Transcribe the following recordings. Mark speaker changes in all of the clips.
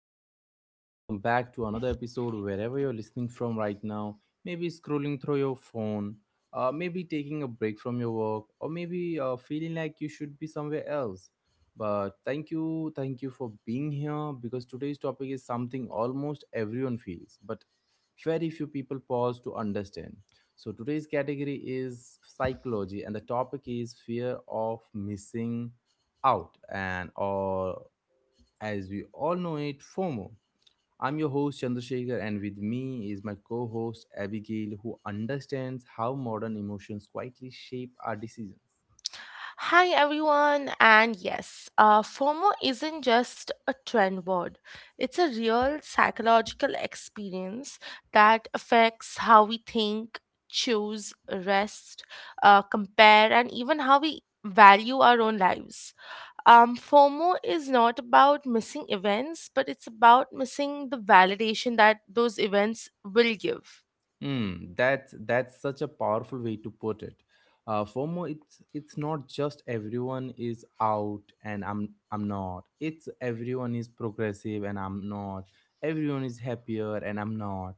Speaker 1: Welcome back. Welcome back to another episode wherever you're listening from right now. Maybe scrolling through your phone, maybe taking a break from your work, or maybe feeling like you should be somewhere else. But thank you for being here because today's topic is something almost everyone feels, but very few people pause to understand. So, today's category is psychology, and the topic is fear of missing out and or, as we all know it, FOMO. I'm your host Chandrasekhar, and with me is my co host Abigail, who understands how modern emotions quietly shape our decisions.
Speaker 2: Hi everyone, and yes, FOMO isn't just a trend word. It's a real psychological experience that affects how we think, choose, rest, compare, and even how we value our own lives. FOMO is not about missing events, but it's about missing the validation that those events will give.
Speaker 1: Hmm, that's such a powerful way to put it. FOMO, it's not just everyone is out and I'm not, it's everyone is progressive and I'm not, everyone is happier and I'm not,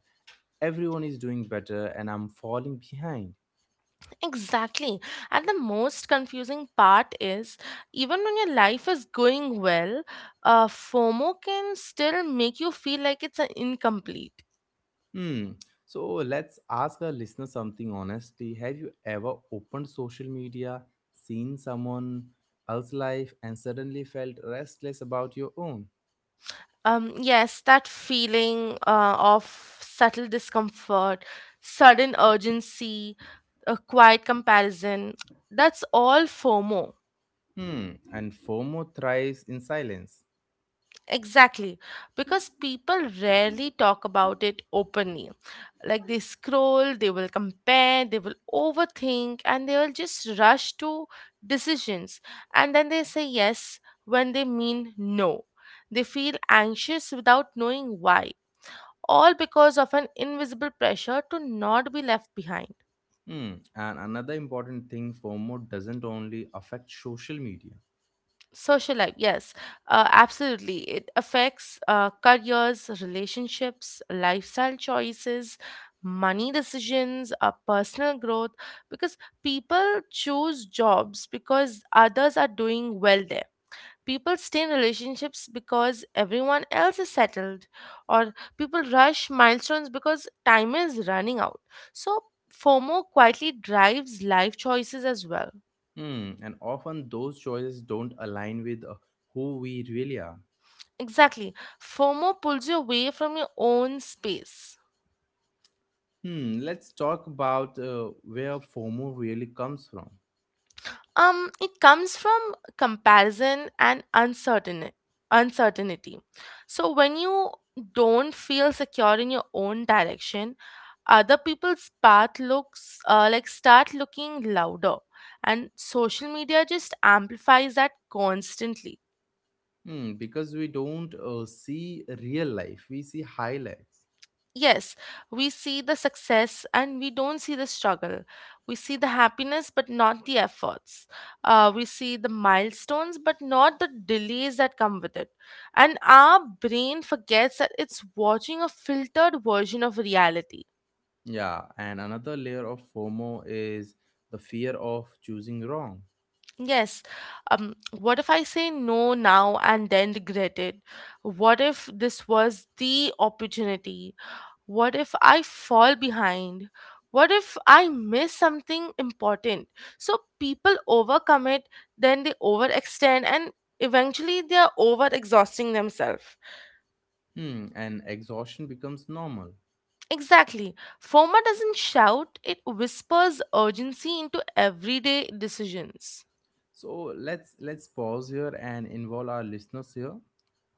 Speaker 1: everyone is doing better and I'm falling behind.
Speaker 2: Exactly. And the most confusing part is even when your life is going well, FOMO can still make you feel like it's an incomplete.
Speaker 1: Hmm. So let's ask our listener something honestly. Have you ever opened social media, seen someone else's life, and suddenly felt restless about your own?
Speaker 2: Yes, that feeling of subtle discomfort, sudden urgency, a quiet comparison, that's all FOMO.
Speaker 1: Hmm. And FOMO thrives in silence.
Speaker 2: Exactly, because people rarely talk about it openly. Like they scroll, they will compare, they will overthink, and they will just rush to decisions. And then they say yes when they mean no. They feel anxious without knowing why, all because of an invisible pressure to not be left behind.
Speaker 1: Hmm. And another important thing, FOMO doesn't only affect social media.
Speaker 2: Social life, yes, absolutely. It affects careers, relationships, lifestyle choices, money decisions, personal growth, because people choose jobs because others are doing well there. People stay in relationships because everyone else is settled, or people rush milestones because time is running out. So, FOMO quietly drives life choices as well.
Speaker 1: Hmm. And often those choices don't align with who we really are.
Speaker 2: Exactly. FOMO pulls you away from your own space.
Speaker 1: Hmm. Let's talk about where FOMO really comes from.
Speaker 2: It comes from comparison and uncertainty. So when you don't feel secure in your own direction, other people's path looks like start looking louder, and social media just amplifies that constantly.
Speaker 1: Hmm, because we don't see real life, we see highlights.
Speaker 2: Yes, we see the success and we don't see the struggle. We see the happiness but not the efforts. We see the milestones but not the delays that come with it. And our brain forgets that it's watching a filtered version of reality.
Speaker 1: Yeah, and another layer of FOMO is the fear of choosing wrong.
Speaker 2: Yes, what if I say no now and then regret it? What if this was the opportunity? What if I fall behind? What if I miss something important? So people overcommit, then they overextend, and eventually they are overexhausting themselves.
Speaker 1: Hmm, and exhaustion becomes normal.
Speaker 2: Exactly. FOMO doesn't shout, it whispers urgency into everyday decisions.
Speaker 1: So let's pause here and involve our listeners here.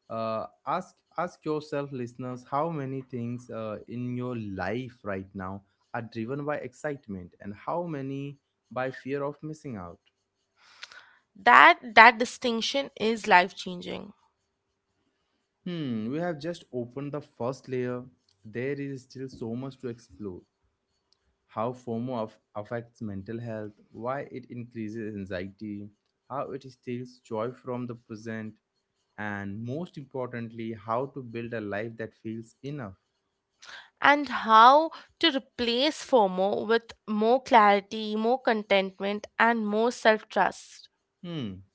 Speaker 1: Ask ask yourself, listeners, how many things in your life right now are driven by excitement, and how many by fear of missing out.
Speaker 2: That distinction is life-changing.
Speaker 1: Hmm, we have just opened the first layer. There is still so much to explore. How FOMO affects mental health, why it increases anxiety, how it steals joy from the present, and most importantly, how to build a life that feels enough.
Speaker 2: And how to replace FOMO with more clarity, more contentment, and more self trust.
Speaker 1: Hmm.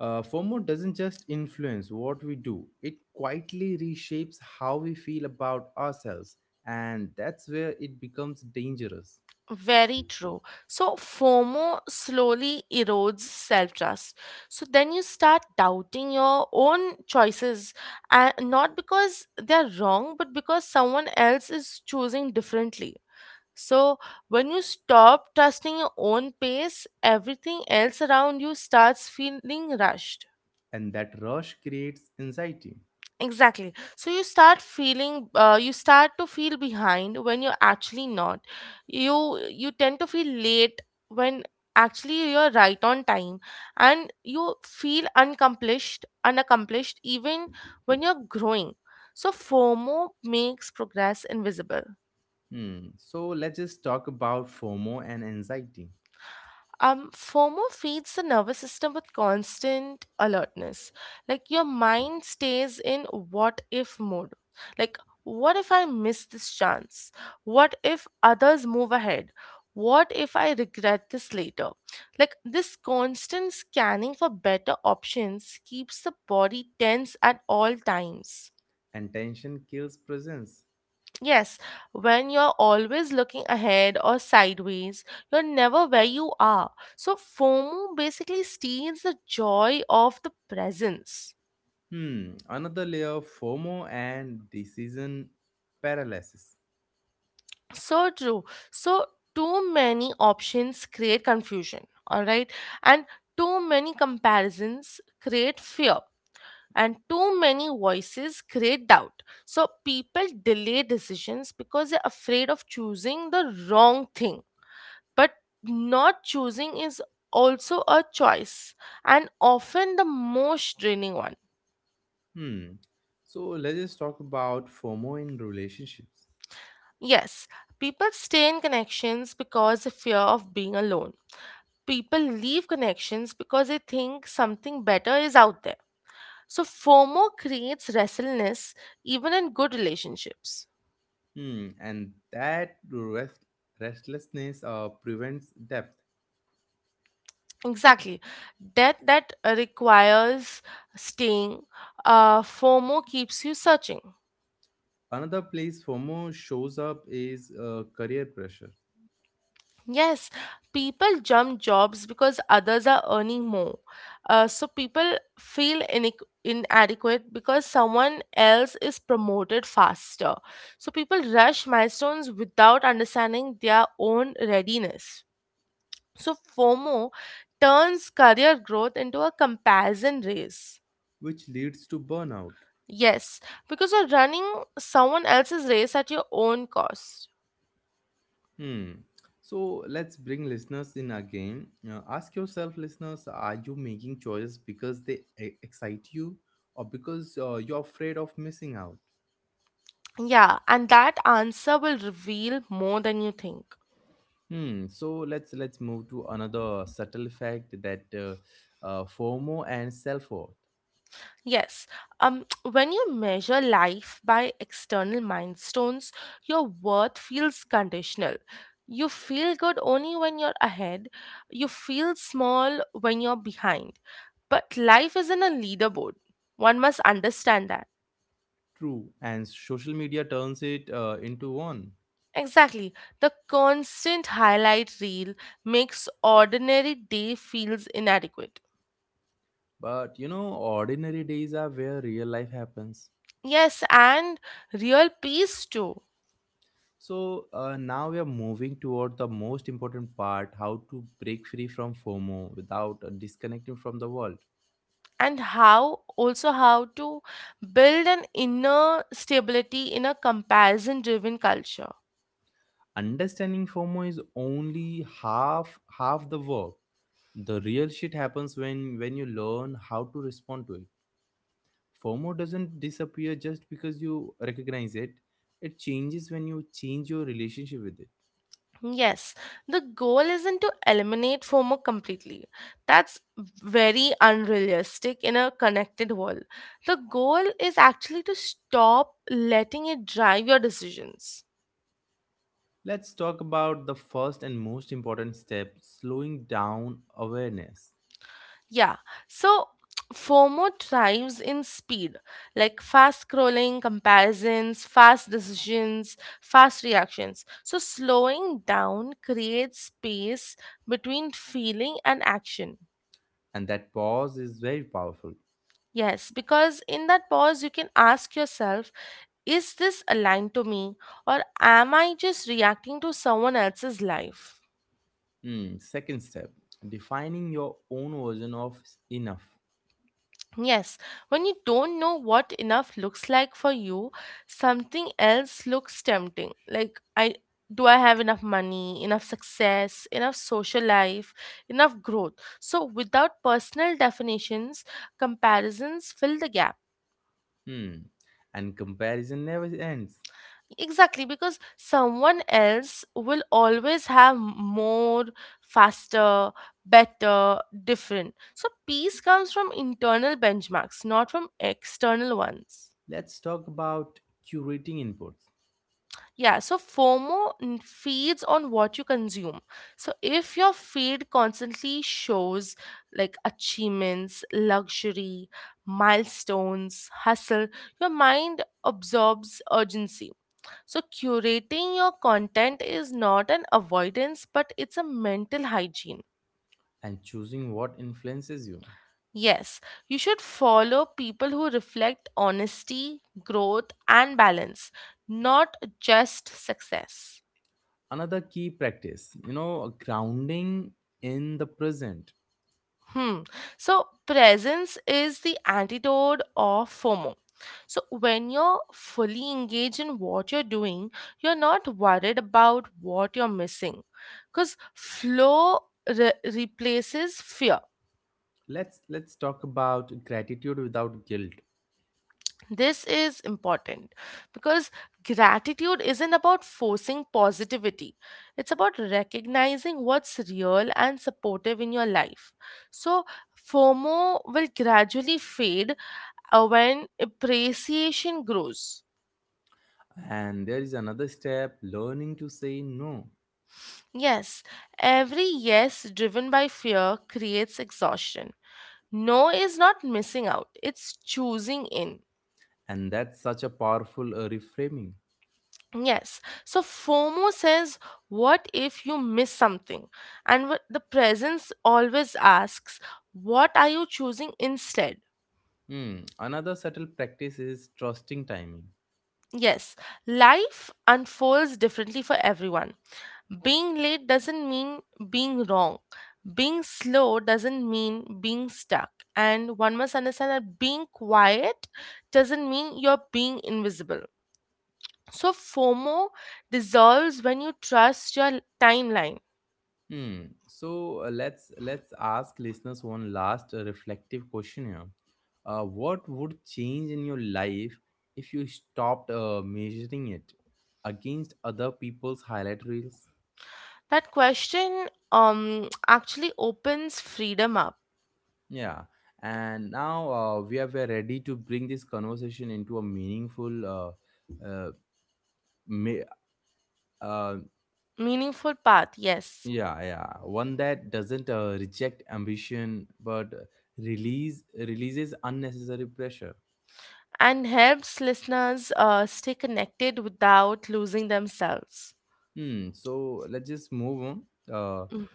Speaker 1: FOMO doesn't just influence what we do, it quietly reshapes how we feel about ourselves, and that's where it becomes dangerous.
Speaker 2: Very true. So FOMO slowly erodes self trust. So then you start doubting your own choices, and not because they're wrong, but because someone else is choosing differently. So when you stop trusting your own pace, everything else around you starts feeling rushed.
Speaker 1: And that rush creates anxiety.
Speaker 2: Exactly. So you start feeling, you start to feel behind when you're actually not. You tend to feel late when actually you're right on time, and you feel unaccomplished even when you're growing. So FOMO makes progress invisible.
Speaker 1: Hmm. So let's just talk about FOMO and anxiety.
Speaker 2: FOMO feeds the nervous system with constant alertness. Like your mind stays in what if mode. Like, what if I miss this chance? What if others move ahead? What if I regret this later? Like, this constant scanning for better options keeps the body tense at all times.
Speaker 1: And tension kills presence.
Speaker 2: Yes, when you're always looking ahead or sideways, you're never where you are. So, FOMO basically steals the joy of the presence.
Speaker 1: Hmm. Another layer of FOMO and decision paralysis.
Speaker 2: So true. So, too many options create confusion, all right? And too many comparisons create fear. And too many voices create doubt. So, people delay decisions because they're afraid of choosing the wrong thing. But not choosing is also a choice, and often the most draining one.
Speaker 1: Hmm. So let's just talk about FOMO in relationships.
Speaker 2: Yes, people stay in connections because they fear of being alone. People leave connections because they think something better is out there. So FOMO creates restlessness even in good relationships.
Speaker 1: Hmm. And that restlessness prevents depth.
Speaker 2: Exactly. Death that requires staying, FOMO keeps you searching.
Speaker 1: Another place FOMO shows up is career pressure,
Speaker 2: Yes, people jump jobs because others are earning more. So people feel inadequate because someone else is promoted faster. So people rush milestones without understanding their own readiness. So FOMO turns career growth into a comparison race.
Speaker 1: which leads to burnout.
Speaker 2: Yes, because you're running someone else's race at your own cost.
Speaker 1: Hmm. So let's bring listeners in again. Ask yourself, listeners, are you making choices because they excite you, or because you're afraid of missing out?
Speaker 2: Yeah, and that answer will reveal more than you think.
Speaker 1: Hmm. So let's move to another subtle fact that FOMO and self worth,
Speaker 2: Yes. When you measure life by external milestones, your worth feels conditional. You feel good only when you're ahead, you feel small when you're behind. But life isn't a leaderboard. One must understand that.
Speaker 1: true, and social media turns it into one.
Speaker 2: Exactly. The constant highlight reel makes ordinary day feels inadequate.
Speaker 1: But you know, ordinary days are where real life happens.
Speaker 2: Yes, and real peace too.
Speaker 1: So now we are moving toward the most important part, how to break free from FOMO without disconnecting from the world.
Speaker 2: And how also how to build an inner stability in a comparison driven culture.
Speaker 1: Understanding FOMO is only half the work. The real shit happens when you learn how to respond to it. FOMO doesn't disappear just because you recognize it. It changes when you change your relationship with it.
Speaker 2: Yes, the goal isn't to eliminate FOMO completely. That's very unrealistic in a connected world. The goal is actually to stop letting it drive your decisions.
Speaker 1: Let's talk about the first and most important step, slowing down awareness.
Speaker 2: Yeah. So FOMO thrives in speed, like fast scrolling, comparisons, fast decisions, fast reactions. So slowing down creates space between feeling and action.
Speaker 1: And that pause is very powerful.
Speaker 2: Yes, because in that pause, you can ask yourself, is this aligned to me or am I just reacting to someone else's life?
Speaker 1: Hmm. Second step, defining your own version of enough.
Speaker 2: Yes, when you don't know what enough looks like for you, something else looks tempting. Like, I do I have enough money, enough success, enough social life, enough growth? So, without personal definitions, comparisons fill the gap.
Speaker 1: Hmm. And comparison never ends.
Speaker 2: Exactly, because someone else will always have more, faster, better, different. So, peace comes from internal benchmarks, not from external ones.
Speaker 1: Let's talk about curating inputs
Speaker 2: Yeah, so FOMO feeds on what you consume. So if your feed constantly shows like achievements, luxury, milestones, hustle, your mind absorbs urgency. So curating your content is not an avoidance, but it's a mental hygiene.
Speaker 1: and choosing what influences you.
Speaker 2: Yes, you should follow people who reflect honesty, growth, and balance, not just success.
Speaker 1: Another key practice, you know, grounding in the present.
Speaker 2: Hmm. So presence is the antidote of FOMO. So when you're fully engaged in what you're doing, you're not worried about what you're missing because flow replaces fear.
Speaker 1: Let's talk about gratitude without guilt.
Speaker 2: This is important because gratitude isn't about forcing positivity. It's about recognizing what's real and supportive in your life. So FOMO will gradually fade when appreciation grows.
Speaker 1: And there is another step, learning to say no.
Speaker 2: Yes, every yes driven by fear creates exhaustion. No is not missing out, it's choosing in.
Speaker 1: And that's such a powerful reframing.
Speaker 2: Yes, so FOMO says, what if you miss something? And what the presence always asks, what are you choosing instead?
Speaker 1: Hmm. Another subtle practice is trusting timing.
Speaker 2: Yes, life unfolds differently for everyone. Being late doesn't mean being wrong. Being slow doesn't mean being stuck. And one must understand that being quiet doesn't mean you're being invisible. So, FOMO dissolves when you trust your timeline.
Speaker 1: Hmm. So let's ask listeners one last reflective question here. What would change in your life if you stopped measuring it against other people's highlight reels?
Speaker 2: That question actually opens freedom up.
Speaker 1: Yeah. And now we are ready to bring this conversation into a meaningful, me- uh,
Speaker 2: Meaningful path, yes.
Speaker 1: yeah, yeah, one that doesn't reject ambition but releases unnecessary pressure.
Speaker 2: And helps listeners stay connected without losing themselves.
Speaker 1: Hmm. So let's just move on. Uh,
Speaker 2: Mm.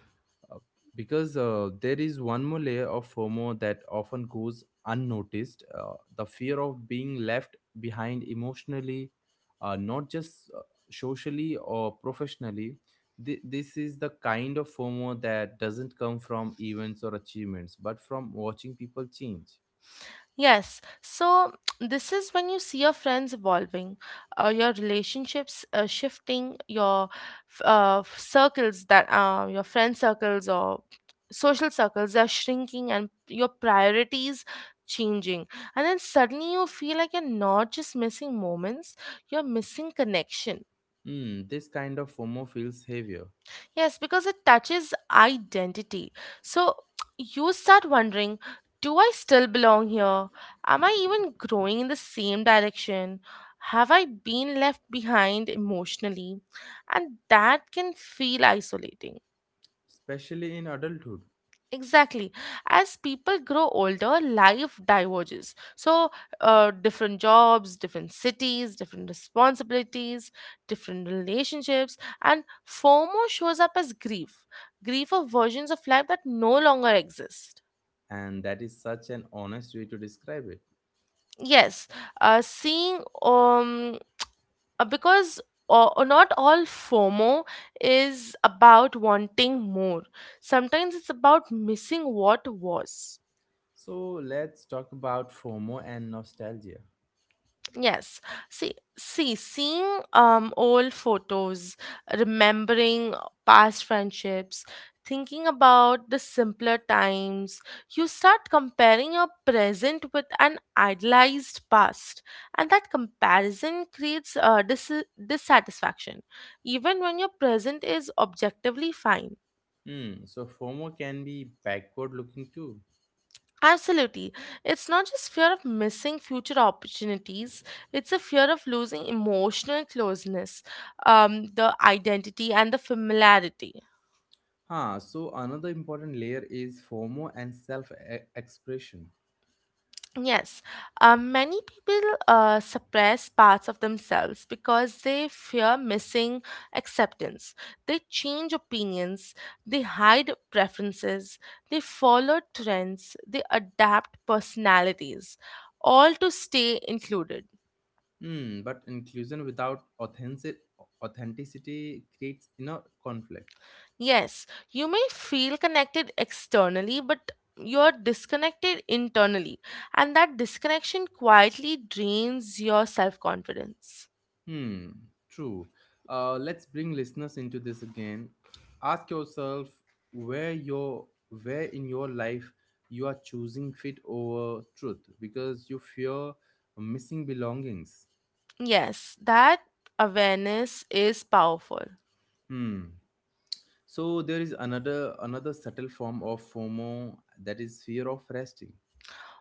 Speaker 1: uh, because there is one more layer of FOMO that often goes unnoticed, the fear of being left behind emotionally, not just socially or professionally. This is the kind of FOMO that doesn't come from events or achievements, but from watching people change.
Speaker 2: Yes, so this is when you see your friends evolving, your relationships shifting, your circles that your friend circles or social circles are shrinking and your priorities changing. And then suddenly you feel like you're not just missing moments, you're missing connection.
Speaker 1: Hmm. This kind of FOMO feels heavier,
Speaker 2: Yes, because it touches identity. So you start wondering do I still belong here? Am I even growing in the same direction? Have I been left behind emotionally? And that can feel isolating.
Speaker 1: especially in adulthood,
Speaker 2: Exactly. As people grow older, life diverges. So, different jobs, different cities, different responsibilities, different relationships, and FOMO shows up as grief. Grief of versions of life that no longer exist.
Speaker 1: and that is such an honest way to describe it.
Speaker 2: Yes, seeing because not all FOMO is about wanting more. Sometimes it's about missing what was.
Speaker 1: So let's talk about FOMO and nostalgia.
Speaker 2: Yes. Seeing old photos, remembering past friendships, thinking about the simpler times, you start comparing your present with an idealized past, and that comparison creates dissatisfaction, even when your present is objectively fine.
Speaker 1: Hmm, so FOMO can be backward looking too.
Speaker 2: Absolutely. It's not just fear of missing future opportunities, it's a fear of losing emotional closeness, the identity, and the familiarity.
Speaker 1: Huh, so another important layer is FOMO and self expression.
Speaker 2: Yes, many people suppress parts of themselves because they fear missing acceptance. They change opinions, they hide preferences, they follow trends, they adapt personalities, all to stay included.
Speaker 1: Hmm, but inclusion without authenticity creates inner conflict.
Speaker 2: Yes, you may feel connected externally, but you're disconnected internally, and that disconnection quietly drains your self confidence.
Speaker 1: Hmm, true. Let's bring listeners into this again. Ask yourself where your where in your life you are choosing fit over truth because you fear missing belongings.
Speaker 2: Yes, that awareness is powerful.
Speaker 1: Hmm. So there is another subtle form of FOMO, that is fear of resting.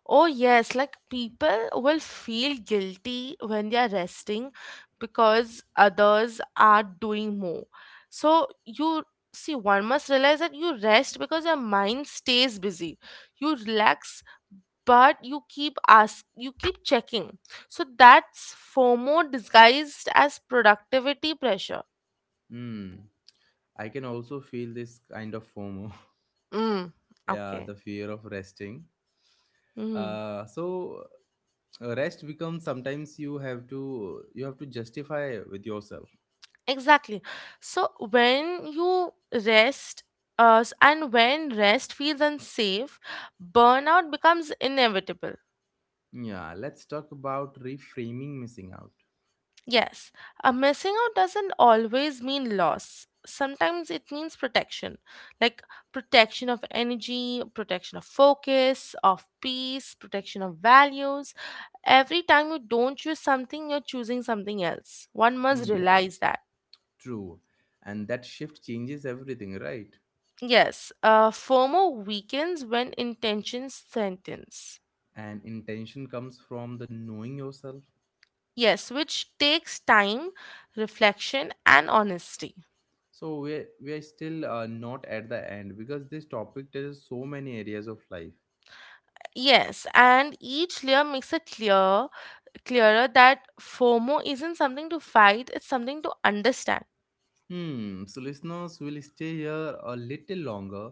Speaker 2: Oh, yes, like people will feel guilty when they are resting because others are doing more. So, you see, one must realize that you rest because your mind stays busy. You relax but you keep ask you keep checking so that's FOMO disguised as productivity pressure.
Speaker 1: Hmm. I can also feel this kind of FOMO.
Speaker 2: Mm,
Speaker 1: Yeah,
Speaker 2: okay.
Speaker 1: the fear of resting.
Speaker 2: Mm,
Speaker 1: Uh, so Rest becomes, sometimes you have to justify with yourself.
Speaker 2: exactly. So when you rest and when rest feels unsafe burnout becomes inevitable.
Speaker 1: Yeah, let's talk about reframing missing out.
Speaker 2: Yes, a missing out doesn't always mean loss. Sometimes it means protection, like protection of energy, protection of focus, of peace, protection of values. Every time you don't choose something, you're choosing something else. One must
Speaker 1: Hmm,
Speaker 2: realize that.
Speaker 1: true, and that shift changes everything, right?
Speaker 2: Yes, FOMO weakens when intentions sentence.
Speaker 1: And intention comes from the knowing yourself.
Speaker 2: Yes, which takes time, reflection, and honesty.
Speaker 1: So we're still not at the end because this topic touches so many areas of life.
Speaker 2: Yes, and each layer makes a clearer that FOMO isn't something to fight, it's something to understand.
Speaker 1: Hmm, so listeners will stay here a little longer.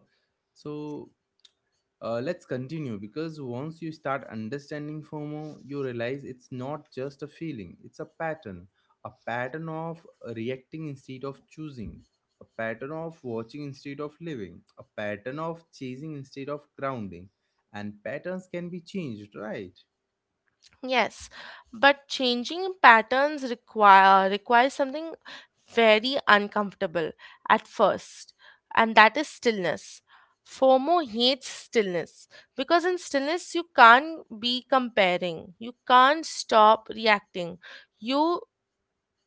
Speaker 1: So let's continue because once you start understanding FOMO, you realize it's not just a feeling, it's a pattern. A pattern of reacting instead of choosing, a pattern of watching instead of living, a pattern of chasing instead of grounding. And patterns can be changed, right?
Speaker 2: Yes, but changing patterns requires something very uncomfortable at first, and that is stillness. FOMO hates stillness because in stillness you can't be comparing, you can't stop reacting. You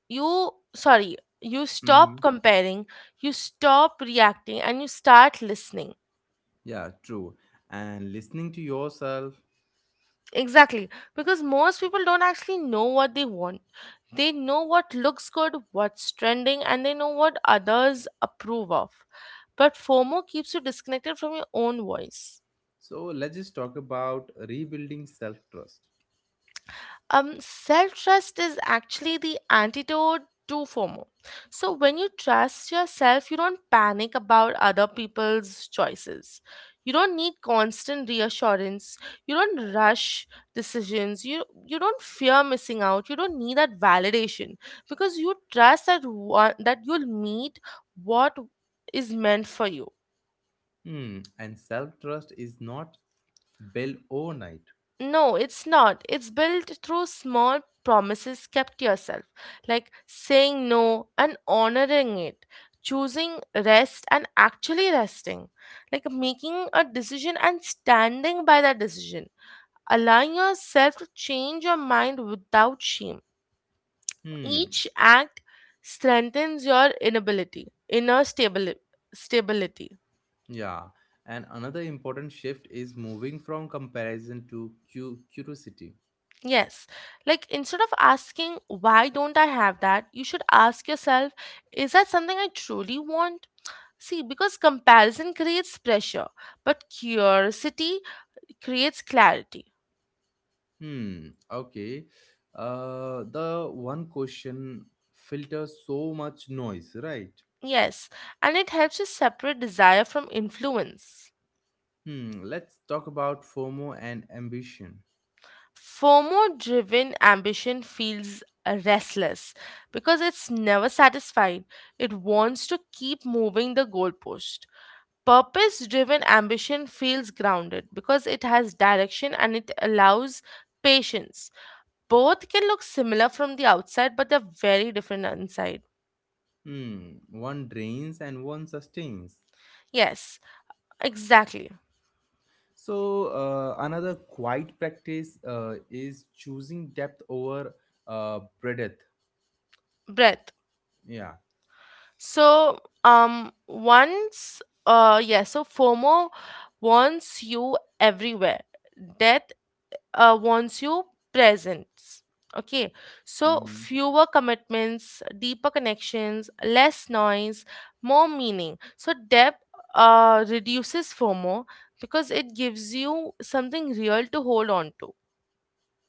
Speaker 2: you
Speaker 1: Hmm.
Speaker 2: stop comparing, you stop reacting and you start listening.
Speaker 1: Yeah, true. And listening to yourself.
Speaker 2: Exactly, because most people don't actually know what they want. They know what looks good, what's trending, and they know what others approve of. But FOMO keeps you disconnected from your own voice.
Speaker 1: So let's just talk about rebuilding self trust.
Speaker 2: Self trust is actually the antidote to FOMO. So, when you trust yourself, you don't panic about other people's choices. You don't need constant reassurance. You don't rush decisions. You don't fear missing out. You don't need that validation because you trust that, one, that you'll meet what is meant for you.
Speaker 1: Hmm. And self trust is not built overnight.
Speaker 2: No, it's not. It's built through small promises kept to yourself, like saying no and honoring it, choosing rest and actually resting, like making a decision and standing by that decision, allowing yourself to change your mind without shame.
Speaker 1: Hmm.
Speaker 2: Each act strengthens your inner stability.
Speaker 1: Yeah, and another important shift is moving from comparison to curiosity.
Speaker 2: Yes. Like instead of asking, why don't I have that? You should ask yourself, is that something I truly want? See, because comparison creates pressure, but curiosity creates clarity.
Speaker 1: Hmm, okay. The one question filters so much noise, right?
Speaker 2: Yes. And it helps you separate desire from influence.
Speaker 1: Hmm, let's talk about FOMO and ambition.
Speaker 2: FOMO driven ambition feels restless because it's never satisfied. It wants to keep moving the goalpost. Purpose driven ambition feels grounded because it has direction and it allows patience. Both can look similar from the outside, but they're very different inside.
Speaker 1: Hmm, one drains and one sustains.
Speaker 2: Yes, exactly.
Speaker 1: So, another quiet practice is choosing depth over breadth.
Speaker 2: Breath.
Speaker 1: Yeah.
Speaker 2: So, so FOMO wants you everywhere. Death wants you presence. Okay, so
Speaker 1: Mhm.
Speaker 2: fewer commitments, deeper connections, less noise, more meaning. So depth reduces FOMO because it gives you something real to hold on to.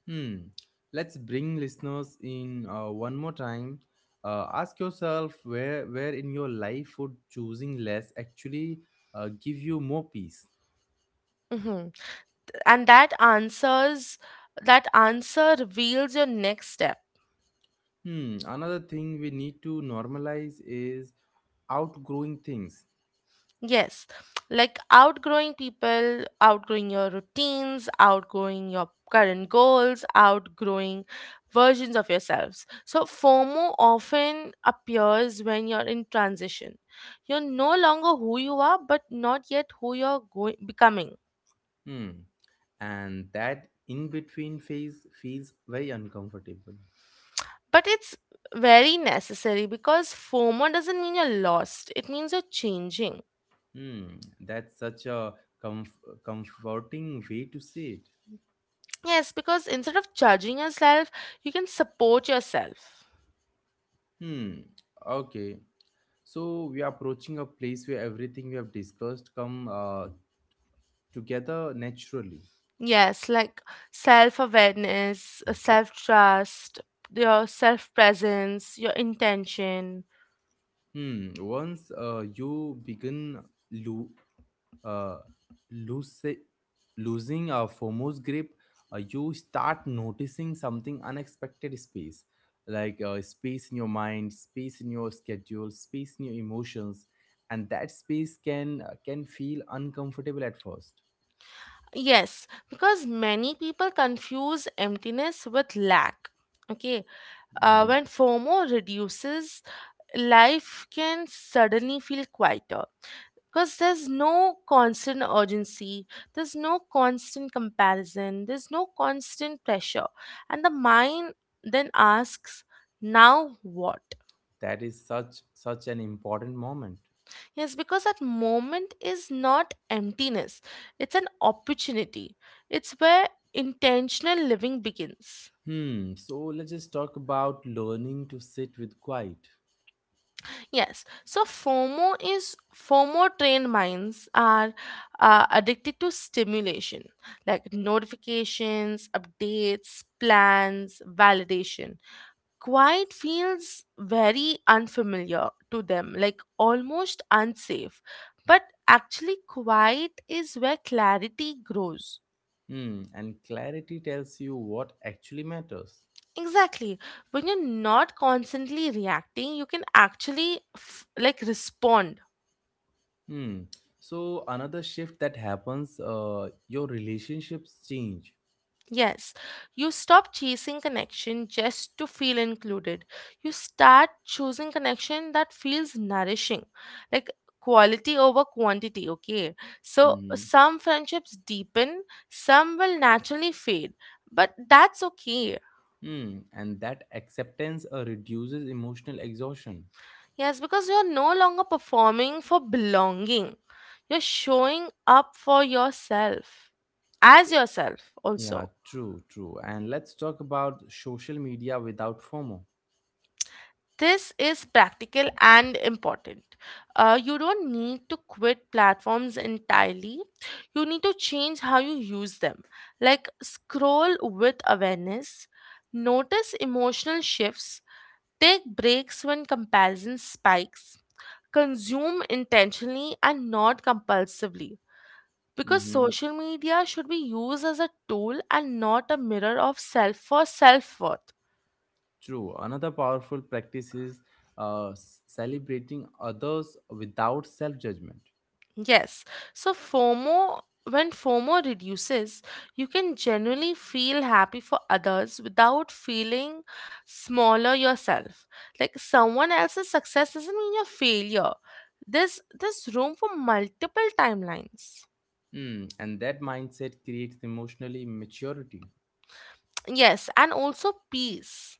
Speaker 1: Hmm. Let's bring listeners in one more time. Ask yourself where in your life would choosing less actually give you more peace.
Speaker 2: Mhm. And that answer reveals your next step.
Speaker 1: Hmm. Another thing we need to normalize is outgrowing things.
Speaker 2: Yes, like outgrowing people, outgrowing your routines, outgrowing your current goals, outgrowing versions of yourselves. So, FOMO often appears when you're in transition. You're no longer who you are, but not yet who you're going, becoming.
Speaker 1: Hmm. And that in between phase feels very uncomfortable.
Speaker 2: But it's very necessary because FOMO doesn't mean you're lost, it means you're changing.
Speaker 1: Hmm. That's such a comf- comforting way to say it.
Speaker 2: Yes, because instead of judging yourself, you can support yourself.
Speaker 1: Hmm. Okay. So we are approaching a place where everything we have discussed come together naturally.
Speaker 2: Yes, like self awareness, self trust, your self presence, your intention.
Speaker 1: Hmm. Once you begin lo- uh, lose- losing a foremost grip, you start noticing something unexpected, space, like space in your mind, space in your schedule, space in your emotions, and that space can feel uncomfortable at first.
Speaker 2: Yes, because many people confuse emptiness with lack. Okay,
Speaker 1: Mm-hmm.
Speaker 2: when FOMO reduces, life can suddenly feel quieter because there's no constant urgency, there's no constant comparison, there's no constant pressure, and the mind then asks, now what?
Speaker 1: That is such an important moment.
Speaker 2: Yes, because that moment is not emptiness, it's an opportunity. It's where intentional living begins.
Speaker 1: Hmm. So let's just talk about learning to sit with quiet.
Speaker 2: Yes, so FOMO trained minds are addicted to stimulation like notifications, updates, plans, validation. Quiet feels very unfamiliar to them, like almost unsafe. But actually, quiet is where clarity grows.
Speaker 1: Hmm. And clarity tells you what actually matters.
Speaker 2: Exactly. When you're not constantly reacting, you can actually like respond.
Speaker 1: Hmm. So another shift that happens, your relationships change.
Speaker 2: Yes. You stop chasing connection just to feel included. You start choosing connection that feels nourishing, like quality over quantity. Okay. So
Speaker 1: Hmm.
Speaker 2: some friendships deepen, some will naturally fade, but that's okay.
Speaker 1: Hmm. And that acceptance reduces emotional exhaustion.
Speaker 2: Yes, because you're no longer performing for belonging. You're showing up for yourself, as yourself,
Speaker 1: Yeah,
Speaker 2: also.
Speaker 1: true. And let's talk about social media without FOMO.
Speaker 2: This is practical and important. You don't need to quit platforms entirely. You need to change how you use them. Like, scroll with awareness, notice emotional shifts, take breaks when comparison spikes, consume intentionally and not compulsively because
Speaker 1: Mm-hmm.
Speaker 2: social media should be used as a tool and not a mirror of self for self worth.
Speaker 1: True. Another powerful practice is celebrating others without self judgment.
Speaker 2: Yes, so when FOMO reduces, you can genuinely feel happy for others without feeling smaller yourself. Like someone else's success doesn't mean your failure. There's room for multiple timelines.
Speaker 1: Hmm, and that mindset creates emotionally maturity.
Speaker 2: Yes, and also peace.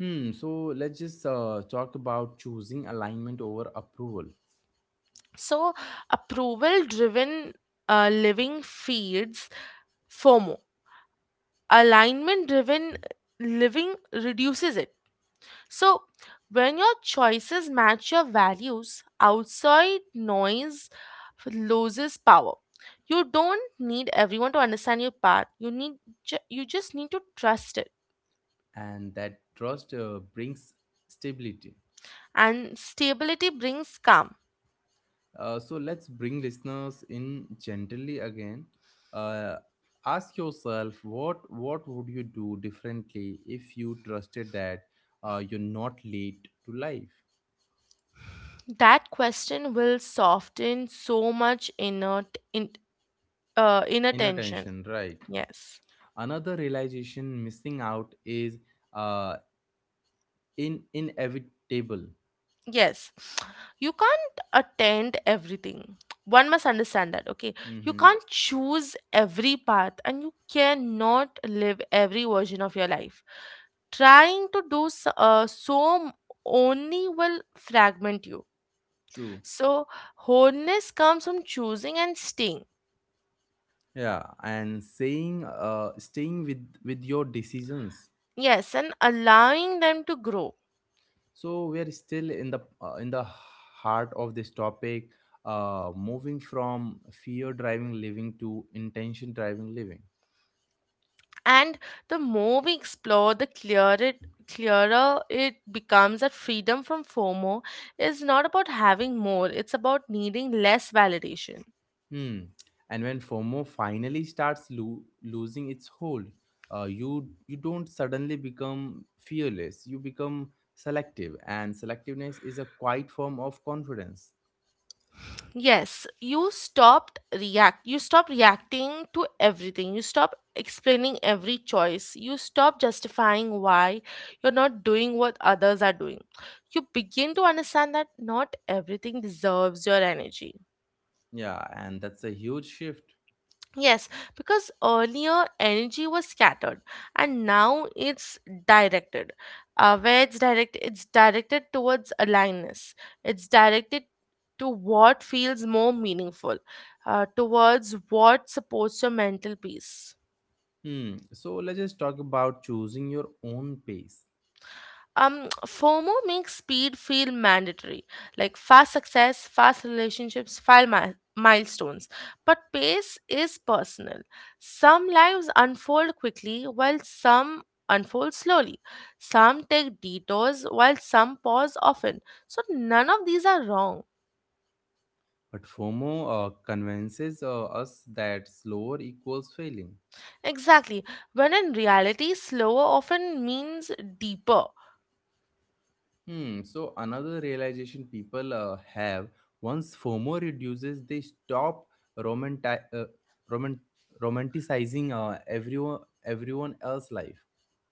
Speaker 1: Hmm, so let's just talk about choosing alignment over approval,
Speaker 2: So, approval driven living feeds FOMO, alignment driven living reduces it. So, when your choices match your values, outside noise loses power. You don't need everyone to understand your path. You need you just need to trust it.
Speaker 1: and that trust brings stability.
Speaker 2: And stability brings calm.
Speaker 1: So let's bring listeners in gently again. Uh, ask yourself, what would you do differently if you trusted that you're not late to life,
Speaker 2: That question will soften so much inner
Speaker 1: inner
Speaker 2: tension.
Speaker 1: tension, right?
Speaker 2: Yes.
Speaker 1: Another realization, missing out is uh, in inevitable.
Speaker 2: Yes. You can't attend everything. One must understand that, okay? You
Speaker 1: Mm-hmm.
Speaker 2: can't choose every path and you cannot live every version of your life. Trying to do so, only will fragment you.
Speaker 1: True.
Speaker 2: So, wholeness comes from choosing and staying.
Speaker 1: Yeah, and saying staying with your decisions.
Speaker 2: Yes, and allowing them to grow.
Speaker 1: So we are still in the heart of this topic, moving from fear driving living to intention driving living.
Speaker 2: And the more we explore, clearer it becomes that freedom from FOMO is not about having more, it's about needing less validation.
Speaker 1: Hmm. And when FOMO finally starts losing its hold, you don't suddenly become fearless, you become selective, and selectiveness is a quiet form of confidence.
Speaker 2: Yes, you stop reacting to everything. You stop explaining every choice. You stop justifying why you're not doing what others are doing. You begin to understand that not everything deserves your energy.
Speaker 1: Yeah, and that's a huge shift.
Speaker 2: Yes, because earlier energy was scattered and now it's directed. It's directed towards alignedness. It's directed to what feels more meaningful, towards what supports your mental peace.
Speaker 1: Hmm. So let's just talk about choosing your own pace.
Speaker 2: Um, FOMO makes speed feel mandatory, like fast success, fast relationships, milestones. But pace is personal. Some lives unfold quickly while some unfold slowly. Some take detours while some pause often. So none of these are wrong.
Speaker 1: But FOMO convinces us that slower equals failing.
Speaker 2: Exactly, when in reality slower often means deeper.
Speaker 1: Hmm. So another realization people have, once FOMO reduces, they stop romanti- uh, roman- romanticizing everyone else's life.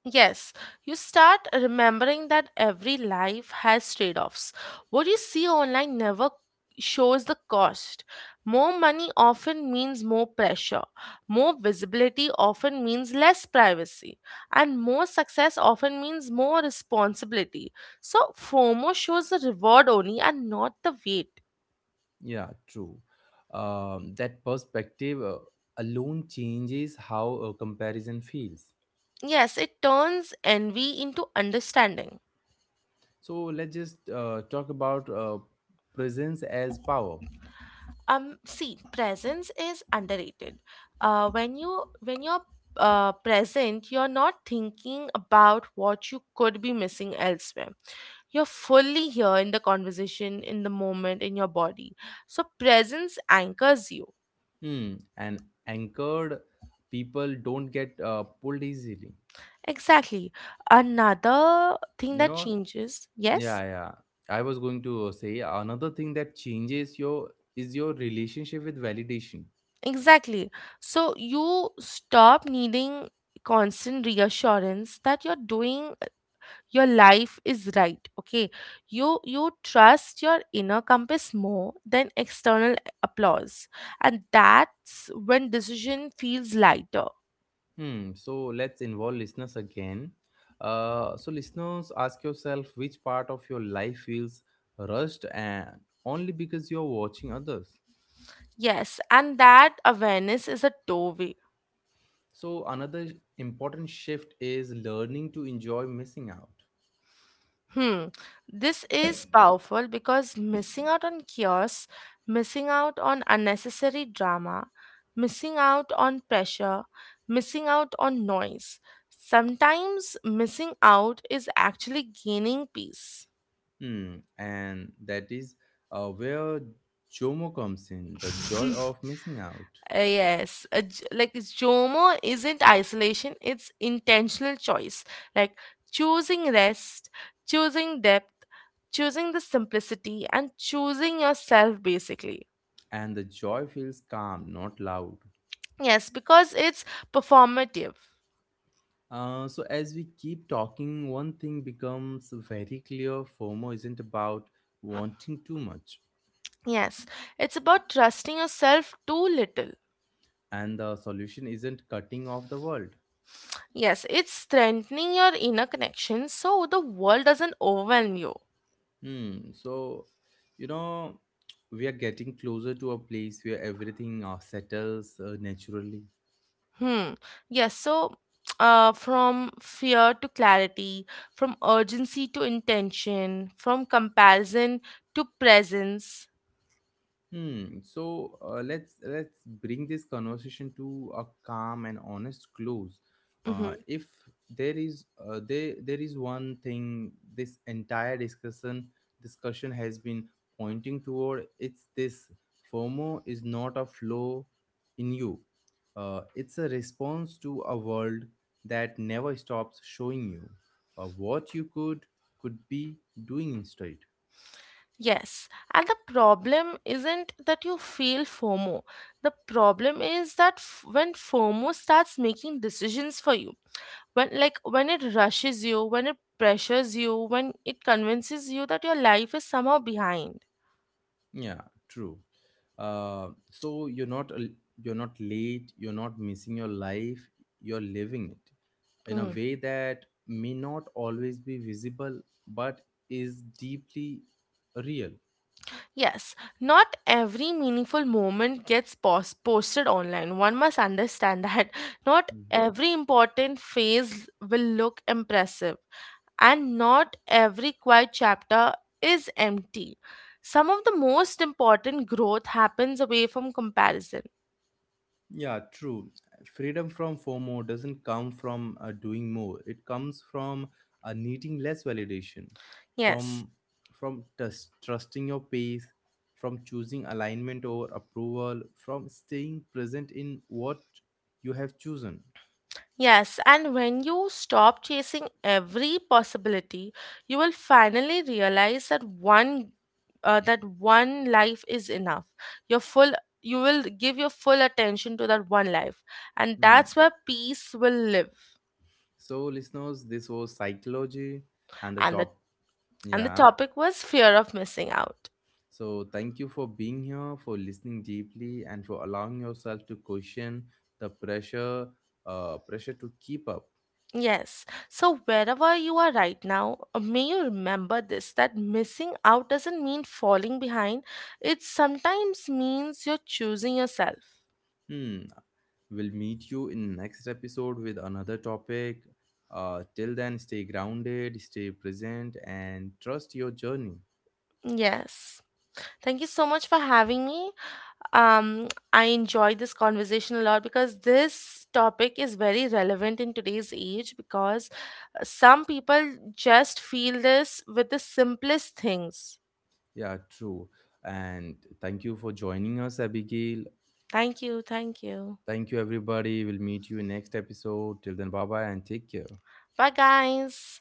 Speaker 2: Yes, you start remembering that every life has trade offs. What you see online never shows the cost. More money often means more pressure. More visibility often means less privacy. And more success often means more responsibility. So, FOMO shows the reward only and not the weight.
Speaker 1: Yeah, true. That perspective alone changes how a comparison feels.
Speaker 2: Yes, it turns envy into understanding.
Speaker 1: So let's just talk about presence as power.
Speaker 2: Um, see, presence is underrated. When you're present you're not thinking about what you could be missing elsewhere. You're fully here in the conversation, in the moment, in your body. So presence anchors you.
Speaker 1: Hmm. And anchored people don't get pulled easily.
Speaker 2: Exactly. Another thing
Speaker 1: You
Speaker 2: that
Speaker 1: know.
Speaker 2: changes, yes,
Speaker 1: Yeah, yeah. I was going to say another thing that changes your is your relationship with validation.
Speaker 2: exactly. So you stop needing constant reassurance that you're doing your life is right, okay? You trust your inner compass more than external applause, and that's when decision feels lighter.
Speaker 1: Hmm. So let's involve listeners again. So listeners, ask yourself which part of your life feels rushed and only because you're watching others.
Speaker 2: Yes, and that awareness is a doorway.
Speaker 1: So another important shift is learning to enjoy missing out.
Speaker 2: Hmm, this is powerful because missing out on chaos, missing out on unnecessary drama, missing out on pressure, missing out on noise, sometimes missing out is actually gaining peace.
Speaker 1: Hmm, and that is where Jomo comes in, the joy
Speaker 2: Uh,
Speaker 1: of missing out.
Speaker 2: like, it's Jomo isn't isolation, it's intentional choice. Like choosing rest, choosing depth, choosing the simplicity, and choosing yourself basically.
Speaker 1: And the joy feels calm, not loud.
Speaker 2: Yes, because it's performative.
Speaker 1: So as we keep talking, one thing becomes very clear, FOMO isn't about wanting too much.
Speaker 2: Yes, it's about trusting yourself too little.
Speaker 1: And the solution isn't cutting off the world.
Speaker 2: Yes, it's strengthening your inner connection so the world doesn't overwhelm you.
Speaker 1: Hmm. So, you know, we are getting closer to a place where everything settles naturally.
Speaker 2: Hmm. Yes. So, from fear to clarity, from urgency to intention, from comparison to presence.
Speaker 1: Hmm. So let's bring this conversation to a calm and honest close. Uh,
Speaker 2: Hmm.
Speaker 1: if there is there there is one thing this entire discussion has been pointing toward, it's this: FOMO is not a flaw in you. It's a response to a world that never stops showing you what you could be doing instead.
Speaker 2: Yes. And the problem isn't that you feel FOMO. The problem is that when FOMO starts making decisions for you, when it rushes you, when it pressures you, when it convinces you that your life is somehow behind.
Speaker 1: Yeah, true. So you're not late. You're not missing your life. You're living it in a
Speaker 2: Hmm.
Speaker 1: way that may not always be visible, but is deeply real.
Speaker 2: Yes, not every meaningful moment gets posted online. One must understand that not every important phase will look impressive, and not every quiet chapter is empty. Some of the most important growth happens away from comparison.
Speaker 1: Yeah, true. Freedom from FOMO doesn't come from doing more. It comes from needing less validation,
Speaker 2: Yes.
Speaker 1: from from trust, trusting your pace, from choosing alignment over approval, from staying present in what you have chosen.
Speaker 2: Yes, and when you stop chasing every possibility, you will finally realize that one life is enough. Your full you will give your full attention to that one life, and
Speaker 1: Hmm.
Speaker 2: that's where peace will live.
Speaker 1: So, listeners, this was psychology and the
Speaker 2: And the
Speaker 1: top.
Speaker 2: and the
Speaker 1: Yeah,
Speaker 2: topic was fear of missing out.
Speaker 1: so, thank you for being here, for listening deeply, and for allowing yourself to question the pressure to keep up.
Speaker 2: Yes. So wherever you are right now, may you remember this that missing out doesn't mean falling behind. It sometimes means you're choosing yourself.
Speaker 1: Hmm. We'll meet you in next episode with another topic. Till then, stay grounded, stay present, and trust your journey.
Speaker 2: Yes. Thank you so much for having me. Um, I enjoyed this conversation a lot because this topic is very relevant in today's age because some people just feel this with the simplest things.
Speaker 1: Yeah, true. And thank you for joining us, Abigail.
Speaker 2: Thank you. Thank you.
Speaker 1: Thank you, everybody. We'll meet you in next episode. Till then, bye bye, and take care.
Speaker 2: Bye, guys.